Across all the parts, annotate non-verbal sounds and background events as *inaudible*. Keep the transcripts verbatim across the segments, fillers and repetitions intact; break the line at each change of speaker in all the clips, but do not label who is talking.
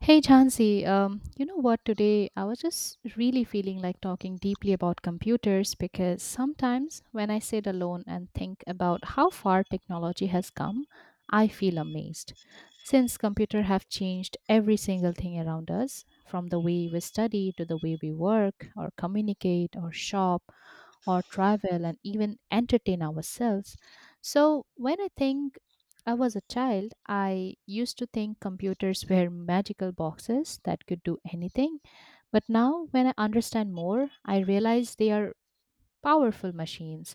Hey Jansi, um, you know what? Today I was just really feeling like talking deeply about computers because sometimes when I sit alone and think about how far technology has come, I feel amazed. Since computers have changed every single thing around us, from the way we study to the way we work or communicate or shop or travel and even entertain ourselves. So when I think I was a child, I used to think computers were magical boxes that could do anything. But now, when I understand more, I realize they are powerful machines,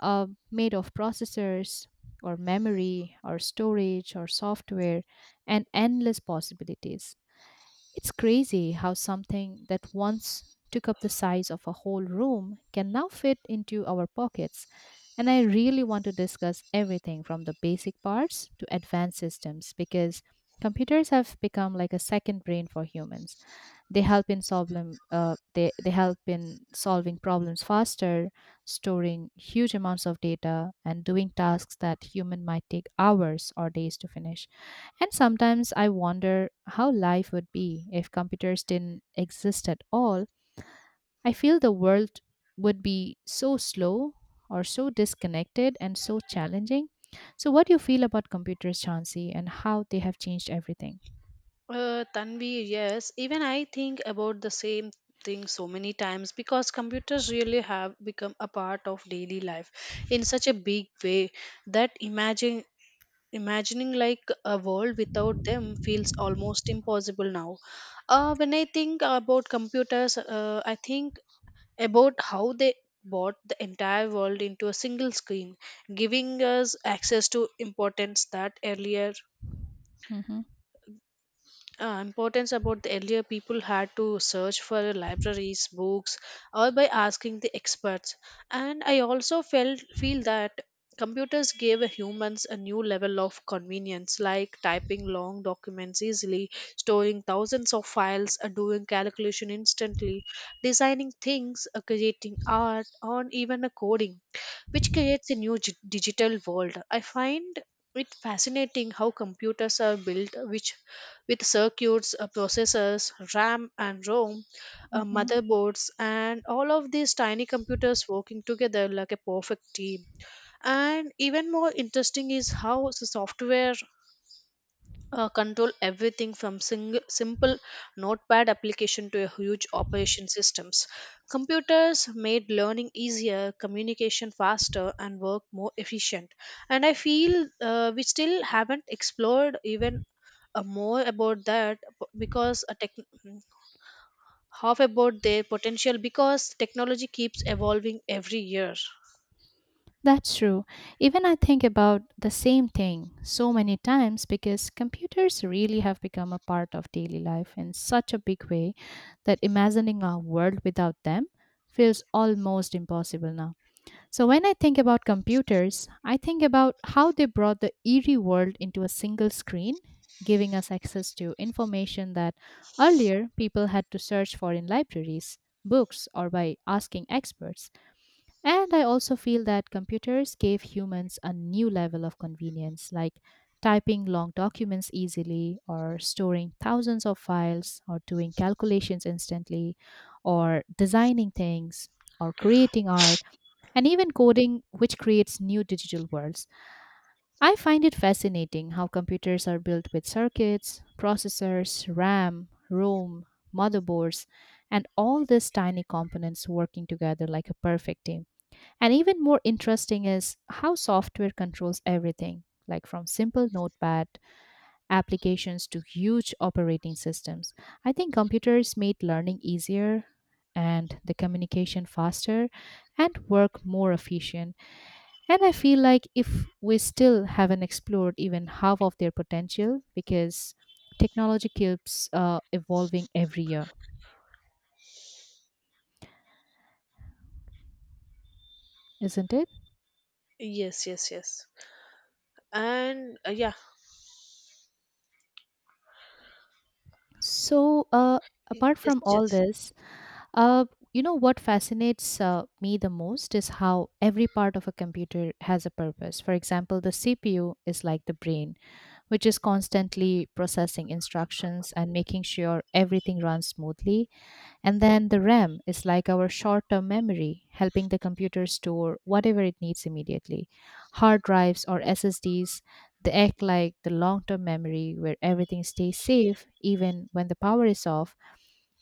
uh, made of processors or memory or storage or software and endless possibilities. It's crazy how something that once took up the size of a whole room can now fit into our pockets. And I really want to discuss everything from the basic parts to advanced systems because computers have become like a second brain for humans. They help in solving uh, they, they help in solving problems faster, storing huge amounts of data and doing tasks that human might take hours or days to finish. And sometimes I wonder how life would be if computers didn't exist at all. I feel the world would be so slow or so disconnected and so challenging. So what do you feel about computers, Chauncey, and how they have changed everything?
Uh, Tanvi, yes. Even I think about the same thing so many times because computers really have become a part of daily life in such a big way that imagine imagining like a world without them feels almost impossible now. Uh, when I think about computers, uh, I think about how they brought the entire world into a single screen, giving us access to importance that earlier
hmm
uh, importance about the earlier people had to search for libraries books or by asking the experts. And I also felt feel that computers gave humans a new level of convenience, like typing long documents easily, storing thousands of files, uh, doing calculation instantly, designing things, uh, creating art, or even a coding which creates a new gi- digital world. I find it fascinating how computers are built, which with circuits, uh, processors, RAM and ROM, uh,
hmm
motherboards, and all of these tiny computers working together like a perfect team. And even more interesting is how the software uh, control everything from sing- simple notepad application to a huge operation systems. Computers made learning easier, communication faster, and work more efficient. And I feel uh, we still haven't explored even uh, more about that b- because a tech- mm, half about their potential because technology keeps evolving every year.
That's true. Even I think about the same thing so many times because computers really have become a part of daily life in such a big way that imagining a world without them feels almost impossible now. So when I think about computers, I think about how they brought the eerie world into a single screen, giving us access to information that earlier people had to search for in libraries, books, or by asking experts. And I also feel that computers gave humans a new level of convenience, like typing long documents easily, or storing thousands of files, or doing calculations instantly, or designing things, or creating art, and even coding, which creates new digital worlds. I find it fascinating how computers are built with circuits, processors, RAM, ROM, motherboards, and all these tiny components working together like a perfect team. And even more interesting is how software controls everything, like from simple notepad applications to huge operating systems. I think computers made learning easier and the communication faster and work more efficient. And I feel like if we still haven't explored even half of their potential because technology keeps uh, evolving every year, isn't it?
Yes, yes, yes. And uh, yeah,
So, uh,
y-
apart
yes,
from all
yes.
this, Uh, you know what fascinates uh, me the most is how every part of a computer has a purpose. For example, the C P U is like the brain, which is constantly processing instructions and making sure everything runs smoothly. And then the RAM is like our short term memory, helping the computer store whatever it needs immediately. Hard drives or S S Ds, they act like the long term memory where everything stays safe even when the power is off.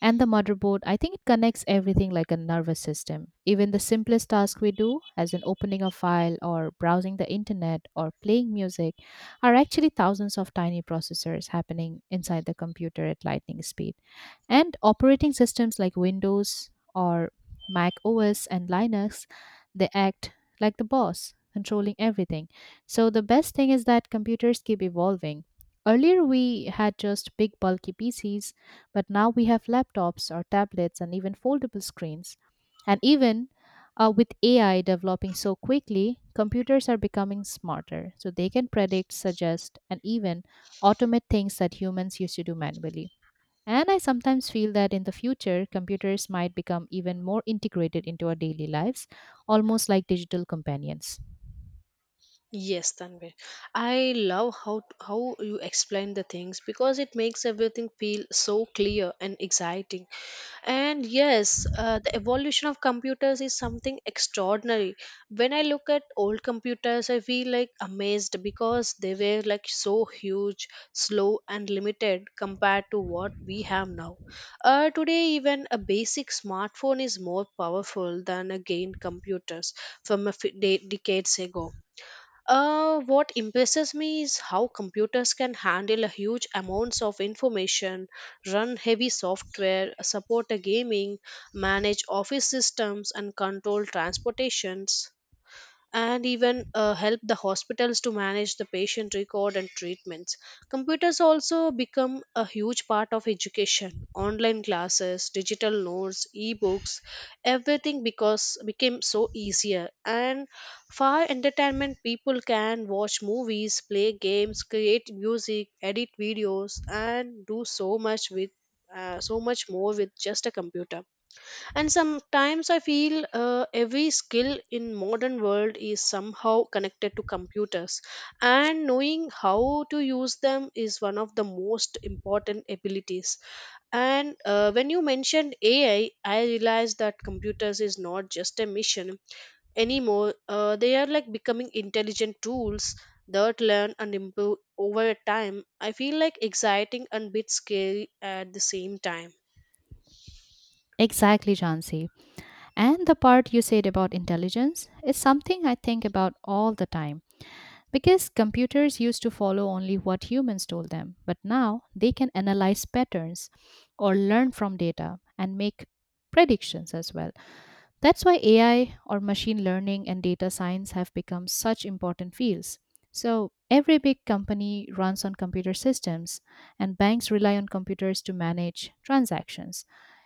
And the motherboard, I think it connects everything like a nervous system. Even the simplest task we do, as in opening a file or browsing the internet or playing music, are actually thousands of tiny processors happening inside the computer at lightning speed. And operating systems like Windows or Mac O S and Linux, they act like the boss, controlling everything. So the best thing is that computers keep evolving. Earlier, we had just big, bulky P Cs, but now we have laptops or tablets and even foldable screens. And even uh, with A I developing so quickly, computers are becoming smarter. So they can predict, suggest, and even automate things that humans used to do manually. And I sometimes feel that in the future, computers might become even more integrated into our daily lives, almost like digital companions.
Yes, Tanvir. I love how how you explain the things because it makes everything feel so clear and exciting. And yes, uh, the evolution of computers is something extraordinary. When I look at old computers, I feel like amazed because they were like so huge, slow, and limited compared to what we have now. Uh, today, even a basic smartphone is more powerful than a gained computers from a f- de- decades ago. Uh, what impresses me is how computers can handle a huge amounts of information, run heavy software, support a gaming, manage office systems, and control transportations, and even uh, help the hospitals to manage the patient record and treatments. Computers also become a huge part of education. Online classes, digital notes, e-books, everything because became so easier. And for entertainment people can watch movies, play games, create music, edit videos, and do so much with uh, so much more with just a computer. And sometimes i feel uh, every skill in modern world is somehow connected to computers, and knowing how to use them is one of the most important abilities. And uh, when you mentioned ai, i realized that computers is not just a mission anymore. Uh, they are like becoming intelligent tools that learn and improve over time. I feel like exciting and bit scary at the same time.
Exactly, Jansi. And the part you said about intelligence is something I think about all the time because computers used to follow only what humans told them, but now they can analyze patterns or learn from data and make predictions as well. That's why A I or machine learning and data science have become such important fields. So, every big company runs on computer systems, and banks rely on computers to manage transactions.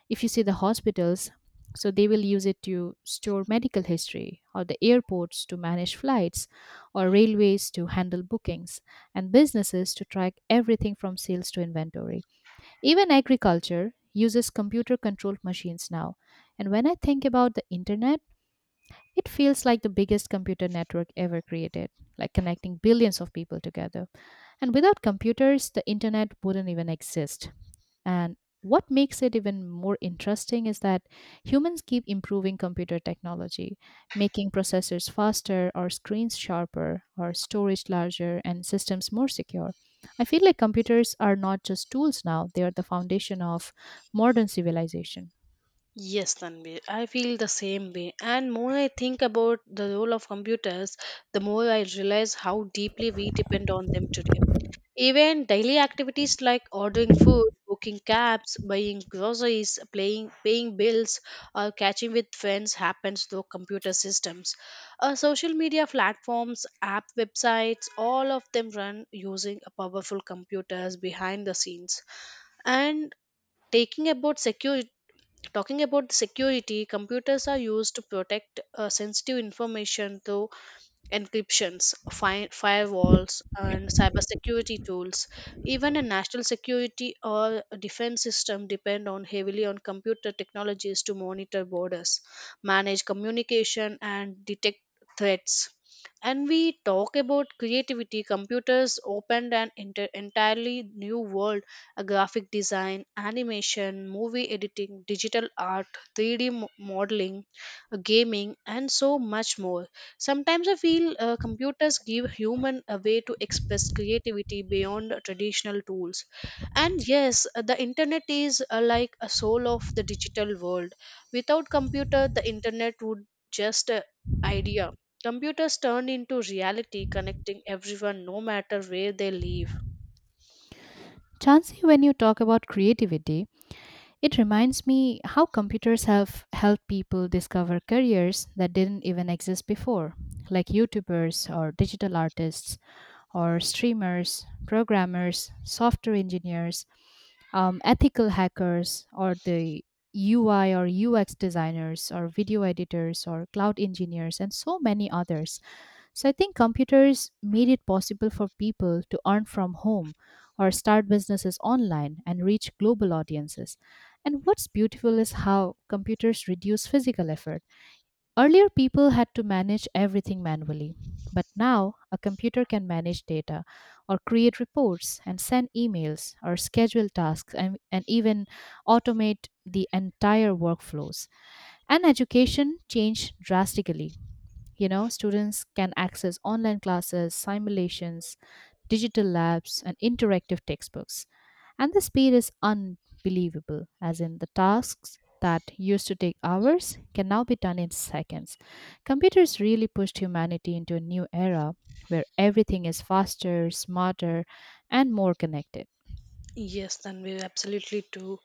If you see the hospitals, so they will use it to store medical history, or the airports to manage flights, or railways to handle bookings, and businesses to track everything from sales to inventory. Even agriculture uses computer controlled machines now. And when I think about the internet, it feels like the biggest computer network ever created, like connecting billions of people together. And without computers, the internet wouldn't even exist. And what makes it even more interesting is that humans keep improving computer technology, making processors faster or screens sharper or storage larger and systems more secure. I feel like computers are not just tools now, they are the foundation of modern civilization.
Yes, Tanvi, I feel the same way. And more I think about the role of computers, the more I realize how deeply we depend on them today. Even daily activities like ordering food, booking cabs, buying groceries, playing, paying bills, or catching with friends happens through computer systems. Uh, social media platforms, app websites, all of them run using a powerful computers behind the scenes. And taking about security Talking about the security, computers are used to protect uh, sensitive information through encryptions, fi- firewalls, and cybersecurity tools. Even a national security or defense system depend on heavily on computer technologies to monitor borders, manage communication, and detect threats. And we talk about creativity. Computers opened an enter- entirely new world: a graphic design, animation, movie editing, digital art, three D mo- modeling, gaming, and so much more. Sometimes I feel uh, computers give human a way to express creativity beyond traditional tools. And yes, uh, the internet is uh, like a soul of the digital world. Without computer, the internet would just uh, idea. Computers turn into reality, connecting everyone no matter where they live.
Chansey, when you talk about creativity, it reminds me how computers have helped people discover careers that didn't even exist before, like YouTubers or digital artists or streamers, programmers, software engineers, um, ethical hackers, or the U I or U X designers, or video editors, or cloud engineers, and so many others. So I think computers made it possible for people to earn from home or start businesses online and reach global audiences. And what's beautiful is how computers reduce physical effort. Earlier, people had to manage everything manually, but now a computer can manage data or create reports and send emails or schedule tasks, and, and even automate the entire workflows. And education changed drastically. You know, students can access online classes, simulations, digital labs, and interactive textbooks. And the speed is unbelievable, as in the tasks that used to take hours can now be done in seconds. Computers really pushed humanity into a new era where everything is faster, smarter, and more connected.
Yes, Tanvi, absolutely too.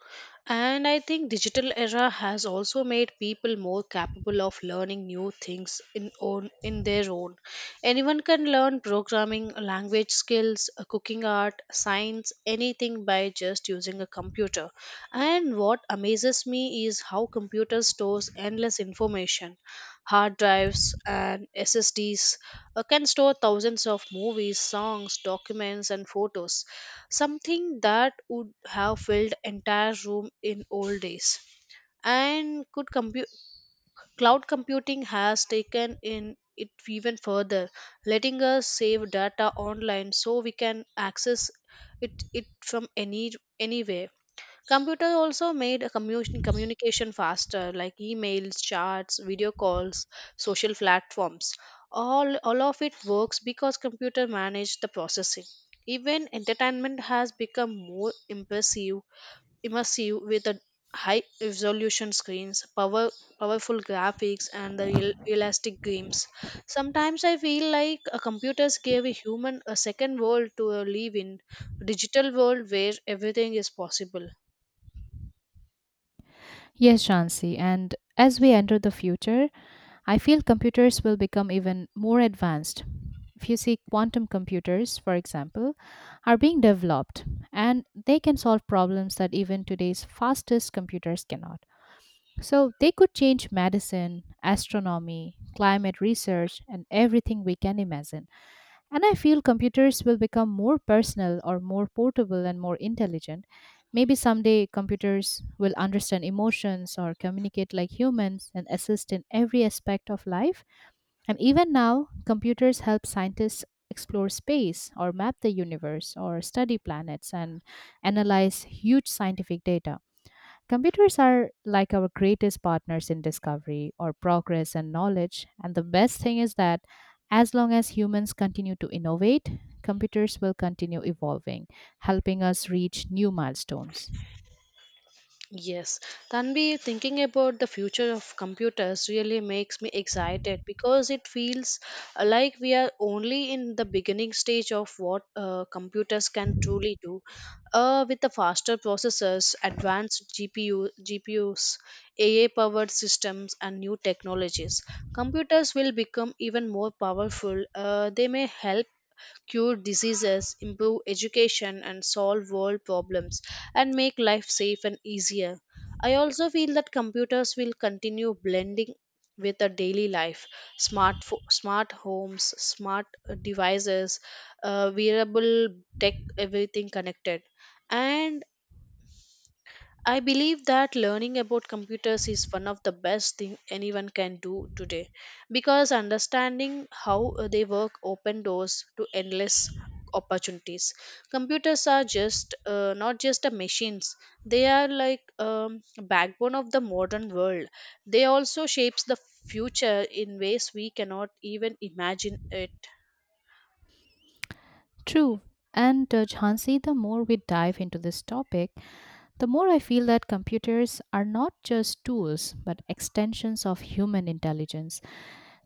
And I think digital era has also made people more capable of learning new things in own in their own. Anyone can learn programming, language skills, uh, cooking art, science, anything by just using a computer. And what amazes me is how computer stores endless information. Hard drives and S S Ds uh, can store thousands of movies, songs, documents, and photos, something that would have filled entire room in old days. And could compu- cloud computing has taken in it even further, letting us save data online so we can access it, it from any anywhere. Computer also made a commu- communication faster, like emails, chats, video calls, social platforms. All, all of it works because computer managed the processing. Even entertainment has become more impressive, immersive with the high resolution screens, power, powerful graphics, and the real, realistic games. Sometimes I feel like uh, computers gave a human a second world to uh, live in, digital world where everything is possible.
Yes, Shansi. And as we enter the future, I feel computers will become even more advanced. If you see, quantum computers, for example, are being developed and they can solve problems that even today's fastest computers cannot. So they could change medicine, astronomy, climate research, and everything we can imagine. And I feel computers will become more personal or more portable and more intelligent. Maybe someday computers will understand emotions or communicate like humans and assist in every aspect of life. And even now, computers help scientists explore space or map the universe or study planets and analyze huge scientific data. Computers are like our greatest partners in discovery or progress and knowledge. And the best thing is that as long as humans continue to innovate, computers will continue evolving, helping us reach new milestones.
Yes, Tanvi, thinking about the future of computers really makes me excited because it feels uh, like we are only in the beginning stage of what uh, computers can truly do. Uh, with the faster processors, advanced GPU, G P Us, A I-powered systems, and new technologies, computers will become even more powerful. Uh, they may help cure diseases, improve education, and solve world problems, and make life safe and easier. I also feel that computers will continue blending with our daily life. Smart, fo- smart homes, smart uh, devices, uh, wearable tech, everything connected. And I believe that learning about computers is one of the best thing anyone can do today because understanding how uh, they work open doors to endless opportunities. Computers are just uh, not just a machines. They are like um, backbone of the modern world. They also shapes the future in ways we cannot even imagine it.
True. And uh, Jhansi, the more we dive into this topic, the more I feel that computers are not just tools but extensions of human intelligence.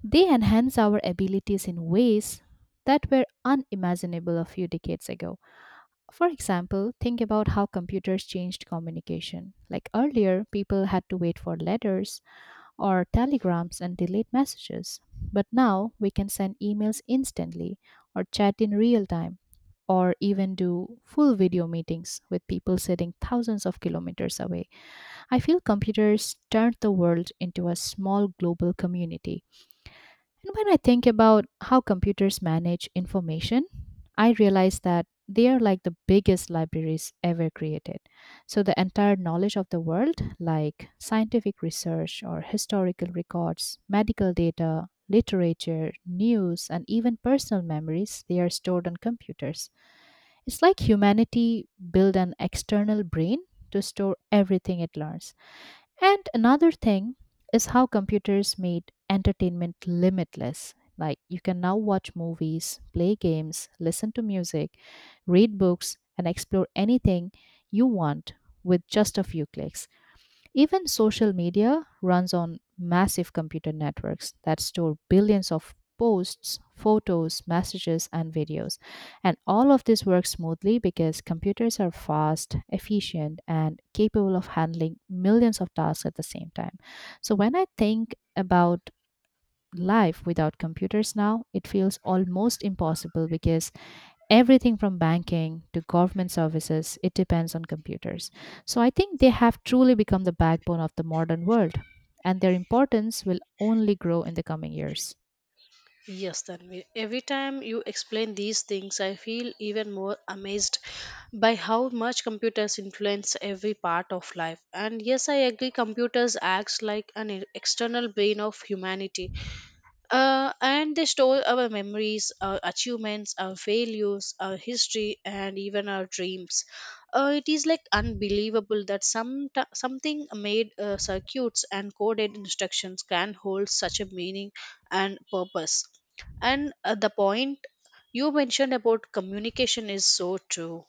They enhance our abilities in ways that were unimaginable a few decades ago. For example, think about how computers changed communication. Like earlier, people had to wait for letters or telegrams and delayed messages. But now we can send emails instantly or chat in real time or even do full video meetings with people sitting thousands of kilometers away. I feel computers turned the world into a small global community. And when I think about how computers manage information, I realize that they are like the biggest libraries ever created. So, the entire knowledge of the world, like scientific research or historical records, medical data, literature, news, and even personal memories, they are stored on computers. It's like humanity built an external brain to store everything it learns. And another thing is how computers made entertainment limitless. Like you can now watch movies, play games, listen to music, read books, and explore anything you want with just a few clicks. Even social media runs on massive computer networks that store billions of posts, photos, messages, and videos. And all of this works smoothly because computers are fast, efficient, and capable of handling millions of tasks at the same time. So when I think about life without computers now, it feels almost impossible because everything from banking to government services it depends on computers. So I think they have truly become the backbone of the modern world, and their importance will only grow in the coming years.
Yes, Tanvi. Every time you explain these things, I feel even more amazed by how much computers influence every part of life. And yes, I agree, computers acts like an e- external brain of humanity. Uh, and they store our memories, our achievements, our failures, our history, and even our dreams. Uh, it is like unbelievable that some something made uh, circuits and coded instructions can hold such a meaning and purpose. And uh, the point you mentioned about communication is so true.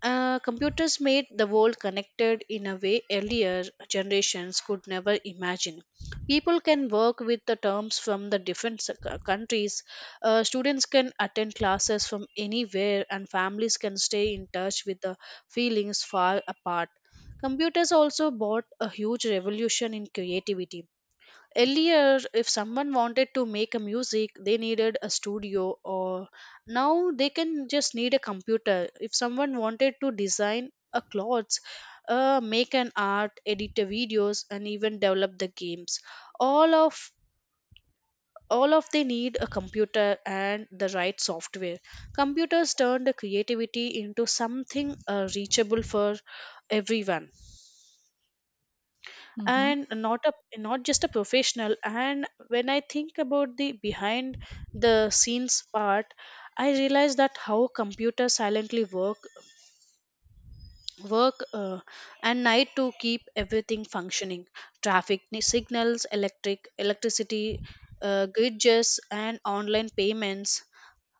uh, Computers made the world connected in a way earlier generations could never imagine. People can work with the terms from the different s- c- countries. Uh, students can attend classes from anywhere, and families can stay in touch with the feelings far apart. Computers also brought a huge revolution in creativity. Earlier, if someone wanted to make a music they needed a studio, or now they can just need a computer. If someone wanted to design a clothes, uh, make an art, edit the videos, and even develop the games, all of all of they need a computer and the right software. Computers turn the creativity into something uh, reachable for everyone,
hmm
and not a not just a professional. And when i think about the behind the scenes part, i realize that how computers silently work work uh, and night to keep everything functioning: traffic ni- signals, electric electricity uh, grids, and online payments,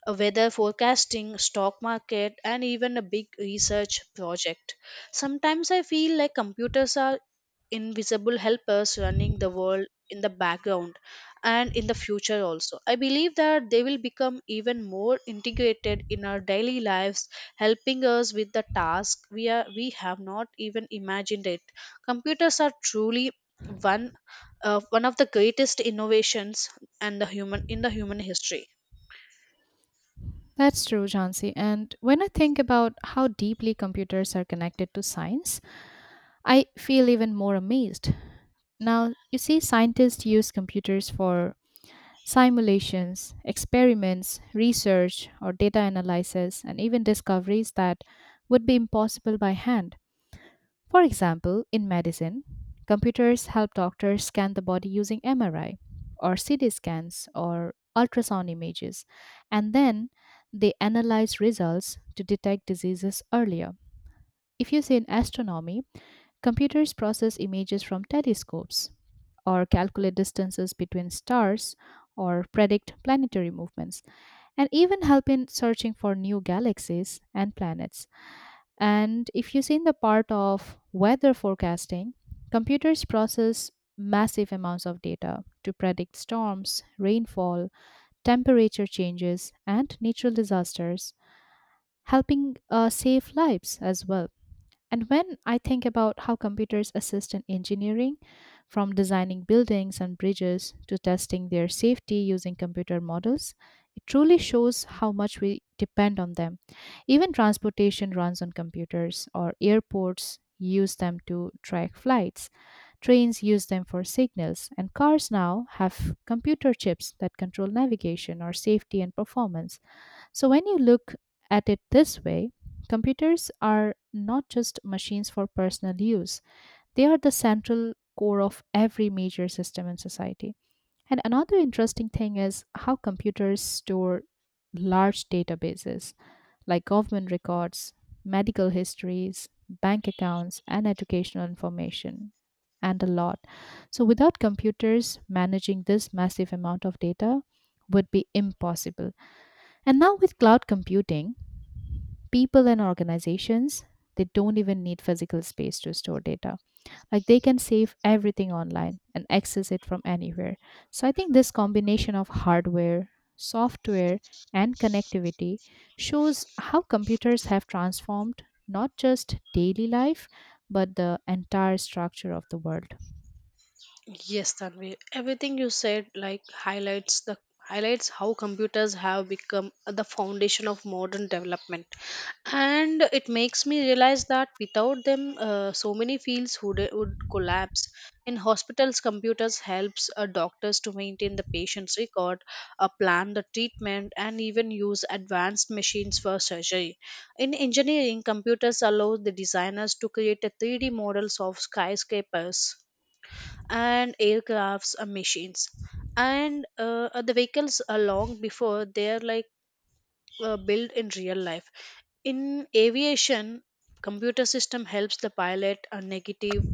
uh, weather forecasting, stock market, and even a big research project. Sometimes i feel like computers are invisible helpers running the world in the background. And in the future also i believe that they will become even more integrated in our daily lives, helping us with the task we are we have not even imagined it. Computers are truly one uh, one of the greatest innovations and the human in the human history.
That's true, Jhansi. And when I think about how deeply computers are connected to science, I feel even more amazed. Now, you see, scientists use computers for simulations, experiments, research, or data analysis, and even discoveries that would be impossible by hand. For example, in medicine, computers help doctors scan the body using M R I, or C T scans, or ultrasound images, and then they analyze results to detect diseases earlier. If you say in astronomy, computers process images from telescopes, or calculate distances between stars, or predict planetary movements, and even help in searching for new galaxies and planets. And if you've seen the part of weather forecasting, computers process massive amounts of data to predict storms, rainfall, temperature changes, and natural disasters, helping uh, save lives as well. And when I think about how computers assist in engineering, from designing buildings and bridges to testing their safety using computer models, it truly shows how much we depend on them. Even transportation runs on computers, or airports use them to track flights, trains use them for signals, and cars now have computer chips that control navigation or safety and performance. So, when you look at it this way, computers are not just machines for personal use, they are the central core of every major system in society. And another interesting thing is how computers store large databases like government records, medical histories, bank accounts, and educational information, and a lot. So, without computers, managing this massive amount of data would be impossible, and now with cloud computing, people and organizations they don't even need physical space to store data. Like they can save everything online and access it from anywhere. So I think this combination of hardware, software and connectivity shows how computers have transformed not just daily life but the entire structure of the world.
Yes, Tanvi. Everything you said like highlights the highlights how computers have become the foundation of modern development, and it makes me realize that without them, uh, so many fields would would collapse. In hospitals, computers helps uh, doctors to maintain the patient's record, uh, plan the treatment, and even use advanced machines for surgery. In engineering, computers allow the designers to create a three D models of skyscrapers and aircrafts and machines, and uh, uh, the vehicles are long before they're like uh, built in real life. In aviation, computer system helps the pilot a negative,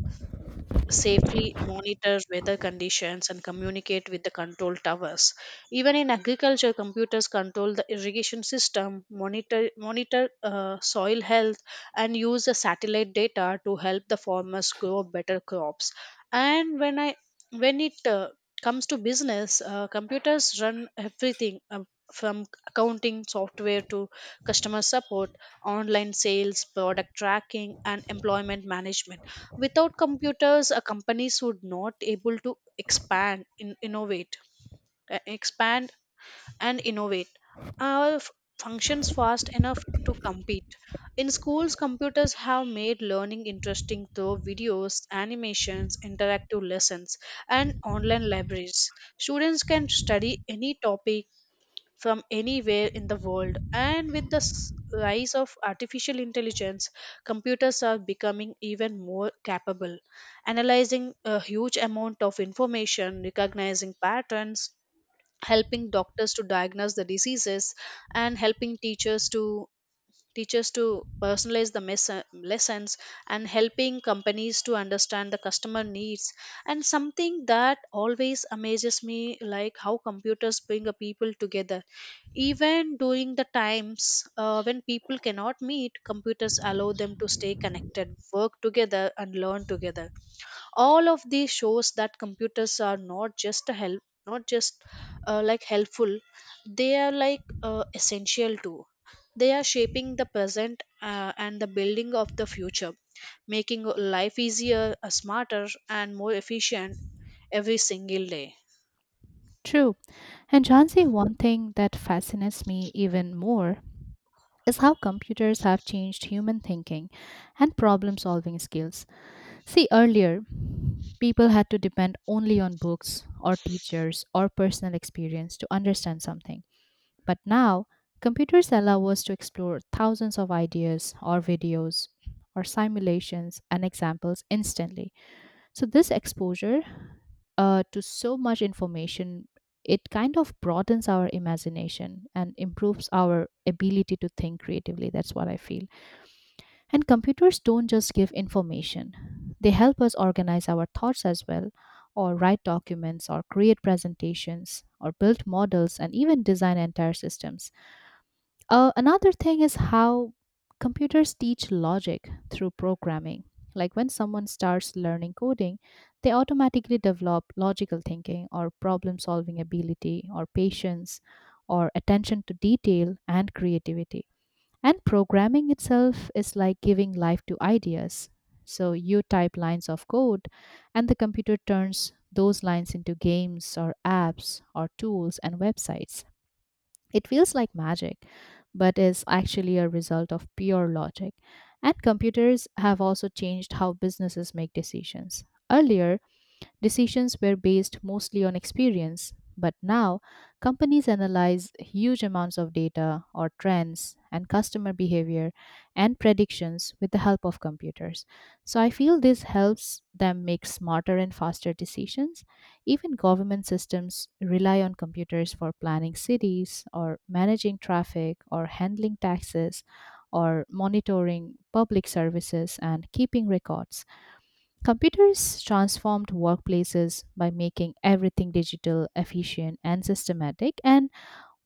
safely monitor weather conditions and communicate with the control towers. Even in agriculture, computers control the irrigation system, monitor monitor uh, soil health, and use the satellite data to help the farmers grow better crops. And when I when it uh, comes to business, uh, computers run everything, um, from accounting software to customer support, online sales, product tracking, and employment management. Without computers, uh, companies would not able to expand, in, innovate, uh, expand and innovate. Our f- Functions fast enough to compete. In schools, computers have made learning interesting through videos, animations, interactive lessons, and online libraries. Students can study any topic from anywhere in the world. And with the s- rise of artificial intelligence, computers are becoming even more capable, analyzing a huge amount of information, recognizing patterns, helping doctors to diagnose the diseases, and helping teachers to teachers to personalize the mes- lessons, and helping companies to understand the customer needs. And something that always amazes me like how computers bring a people together even during the times uh, when people cannot meet, computers allow them to stay connected, work together, and learn together. All of these shows that computers are not just a help, not just uh, like helpful, they are like uh, essential too. They are shaping the present uh, and the building of the future, making life easier, uh, smarter, and more efficient every single day.
True. And Jansi, one thing that fascinates me even more is how computers have changed human thinking and problem solving skills. See, earlier, people had to depend only on books or teachers or personal experience to understand something. But now, computers allow us to explore thousands of ideas or videos or simulations and examples instantly. So this exposure uh, to so much information, it kind of broadens our imagination and improves our ability to think creatively. That's what I feel. And computers don't just give information, they help us organize our thoughts as well, or write documents, or create presentations, or build models, and even design entire systems. Uh, another thing is how computers teach logic through programming. Like when someone starts learning coding, they automatically develop logical thinking or problem solving ability or patience or attention to detail and creativity. And programming itself is like giving life to ideas. So you type lines of code, and the computer turns those lines into games or apps or tools and websites. It feels like magic, but is actually a result of pure logic. And computers have also changed how businesses make decisions. Earlier, decisions were based mostly on experience, but now companies analyze huge amounts of data or trends and customer behavior and predictions with the help of computers. So I feel this helps them make smarter and faster decisions. Even government systems rely on computers for planning cities or managing traffic or handling taxes or monitoring public services and keeping records. Computers transformed workplaces by making everything digital, efficient, and systematic. And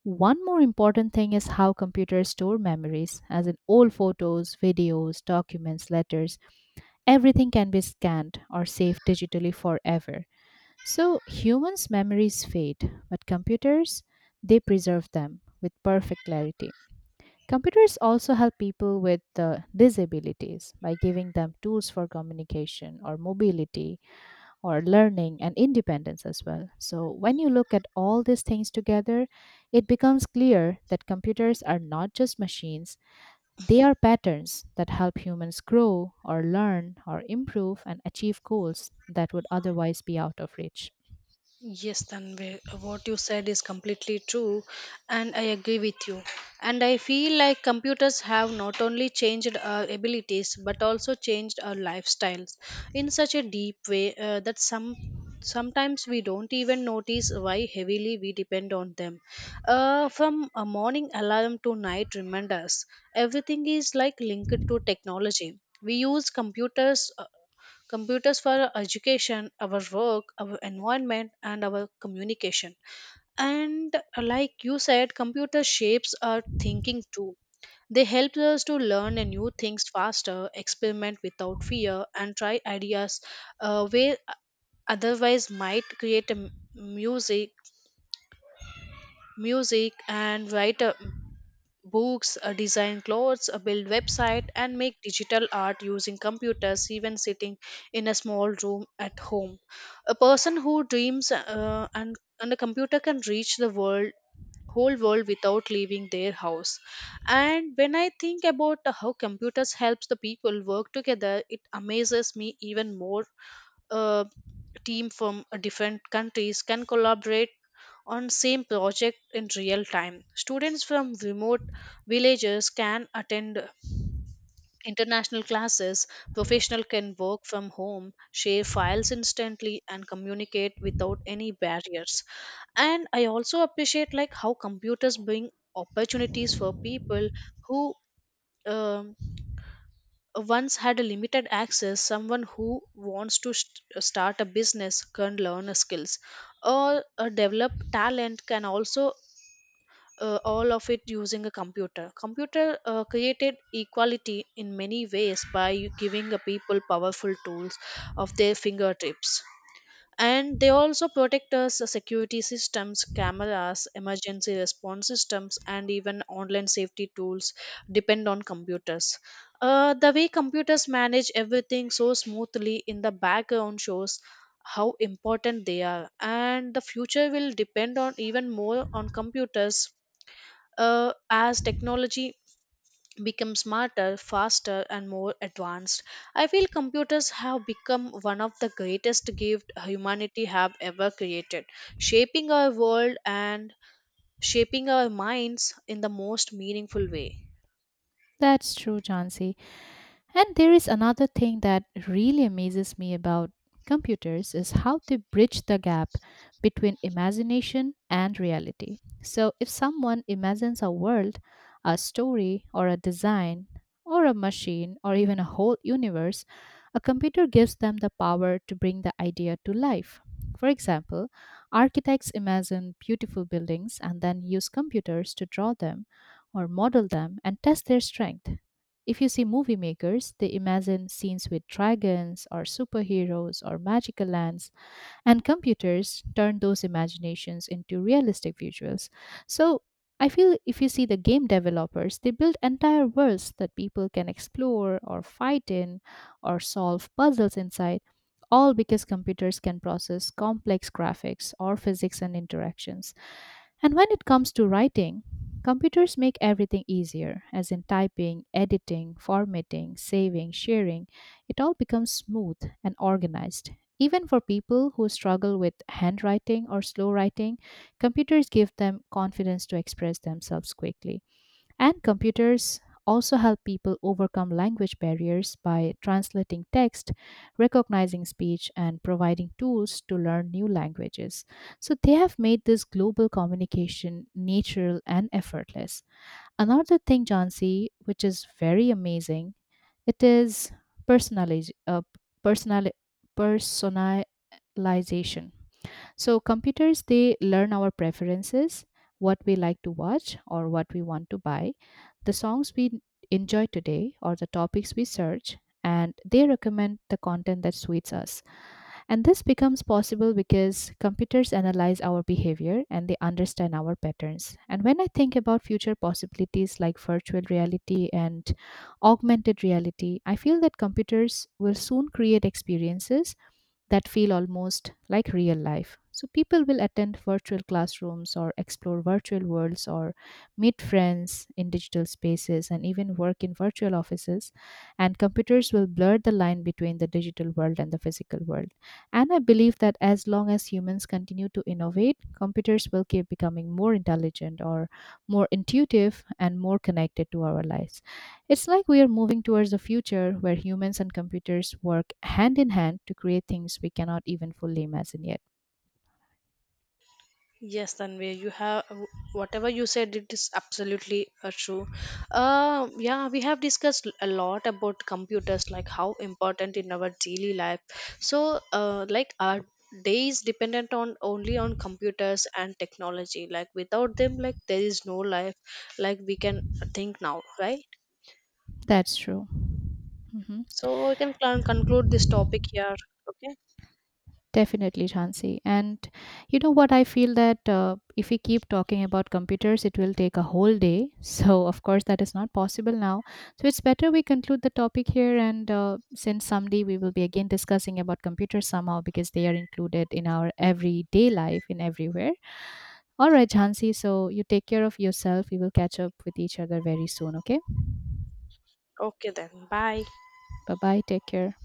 one more important thing is how computers store memories, as in old photos, videos, documents, letters, everything can be scanned or saved digitally forever. So humans' memories fade, but computers, they preserve them with perfect clarity. Computers also help people with uh, disabilities by giving them tools for communication or mobility or learning and independence as well. So, when you look at all these things together, it becomes clear that computers are not just machines, they are patterns that help humans grow or learn or improve and achieve goals that would otherwise be out of reach.
Yes, Tanvir, what you said is completely true, and I agree with you. And I feel like computers have not only changed our abilities but also changed our lifestyles in such a deep way uh, that some sometimes we don't even notice why heavily we depend on them. Uh, from a morning alarm to night reminders, everything is like linked to technology. We use computers uh, Computers for our education, our work, our environment, and our communication. And like you said, computer shapes our thinking too. They help us to learn and new things faster, experiment without fear, and try ideas uh, where otherwise might create a m- music, music, and write a books, uh, design clothes, uh, build website, and make digital art using computers even sitting in a small room at home. A person who dreams uh, and, and a computer can reach the world whole world without leaving their house. And when I think about how computers helps the people work together, it amazes me even more. Uh, Team from uh, different countries can collaborate on same project in real time. Students from remote villages can attend international classes. Professional can work from home, share files instantly, and communicate without any barriers. And I also appreciate like how computers bring opportunities for people who um, once had a limited access. Someone who wants to st- start a business can learn a skills, or uh, develop talent can also uh, all of it using a computer computer. uh, created equality in many ways by giving a people powerful tools of their fingertips. And they also protect us. Uh, security systems, cameras, emergency response systems, and even online safety tools depend on computers. Uh, the way computers manage everything so smoothly in the background shows how important they are, and the future will depend on even more on computers, uh, as technology become smarter, faster, and more advanced. I feel computers have become one of the greatest gifts humanity have ever created, shaping our world and shaping our minds in the most meaningful way.
That's true, Chansey. And there is another thing that really amazes me about computers is how they bridge the gap between imagination and reality. So if someone imagines a world, a story or a design or a machine or even a whole universe, a computer gives them the power to bring the idea to life. For example, architects imagine beautiful buildings and then use computers to draw them or model them and test their strength. If you see movie makers, they imagine scenes with dragons or superheroes or magical lands, and computers turn those imaginations into realistic visuals. So, I feel if you see the game developers, they build entire worlds that people can explore or fight in or solve puzzles inside, all because computers can process complex graphics or physics and interactions. And when it comes to writing, computers make everything easier, as in typing, editing, formatting, saving, sharing. It all becomes smooth and organized. Even for people who struggle with handwriting or slow writing, computers give them confidence to express themselves quickly. And computers also help people overcome language barriers by translating text, recognizing speech, and providing tools to learn new languages. So they have made this global communication natural and effortless. Another thing, Jansi, which is very amazing, it is personaliz- uh, personali- personalization. So computers they learn our preferences, what we like to watch or what we want to buy, the songs we enjoy today or the topics we search and they recommend the content that suits us. And this becomes possible because computers analyze our behavior and they understand our patterns. And when I think about future possibilities like virtual reality and augmented reality, I feel that computers will soon create experiences that feel almost like real life. So people will attend virtual classrooms or explore virtual worlds or meet friends in digital spaces and even work in virtual offices. And computers will blur the line between the digital world and the physical world. And I believe that as long as humans continue to innovate, computers will keep becoming more intelligent or more intuitive and more connected to our lives. It's like we are moving towards a future where humans and computers work hand in hand to create things we cannot even fully imagine yet.
Yes, Tanvir, you have whatever you said, it is absolutely uh, true. Uh, yeah, we have discussed a lot about computers, like how important in our daily life. So, uh, like our day is dependent on only on computers and technology. Like without them, like there is no life. Like we can think now, right?
That's true. Hmm.
So we can con- conclude this topic here. Okay.
Definitely, Jhansi. And you know what? I feel that uh, if we keep talking about computers, it will take a whole day. *laughs* So, of course, that is not possible now. So, it's better we conclude the topic here. And uh, since someday we will be again discussing about computers somehow because they are included in our everyday life in everywhere. All right, Jhansi. So, you take care of yourself. We will catch up with each other very soon. Okay.
Okay then. Bye.
Bye bye. Take care.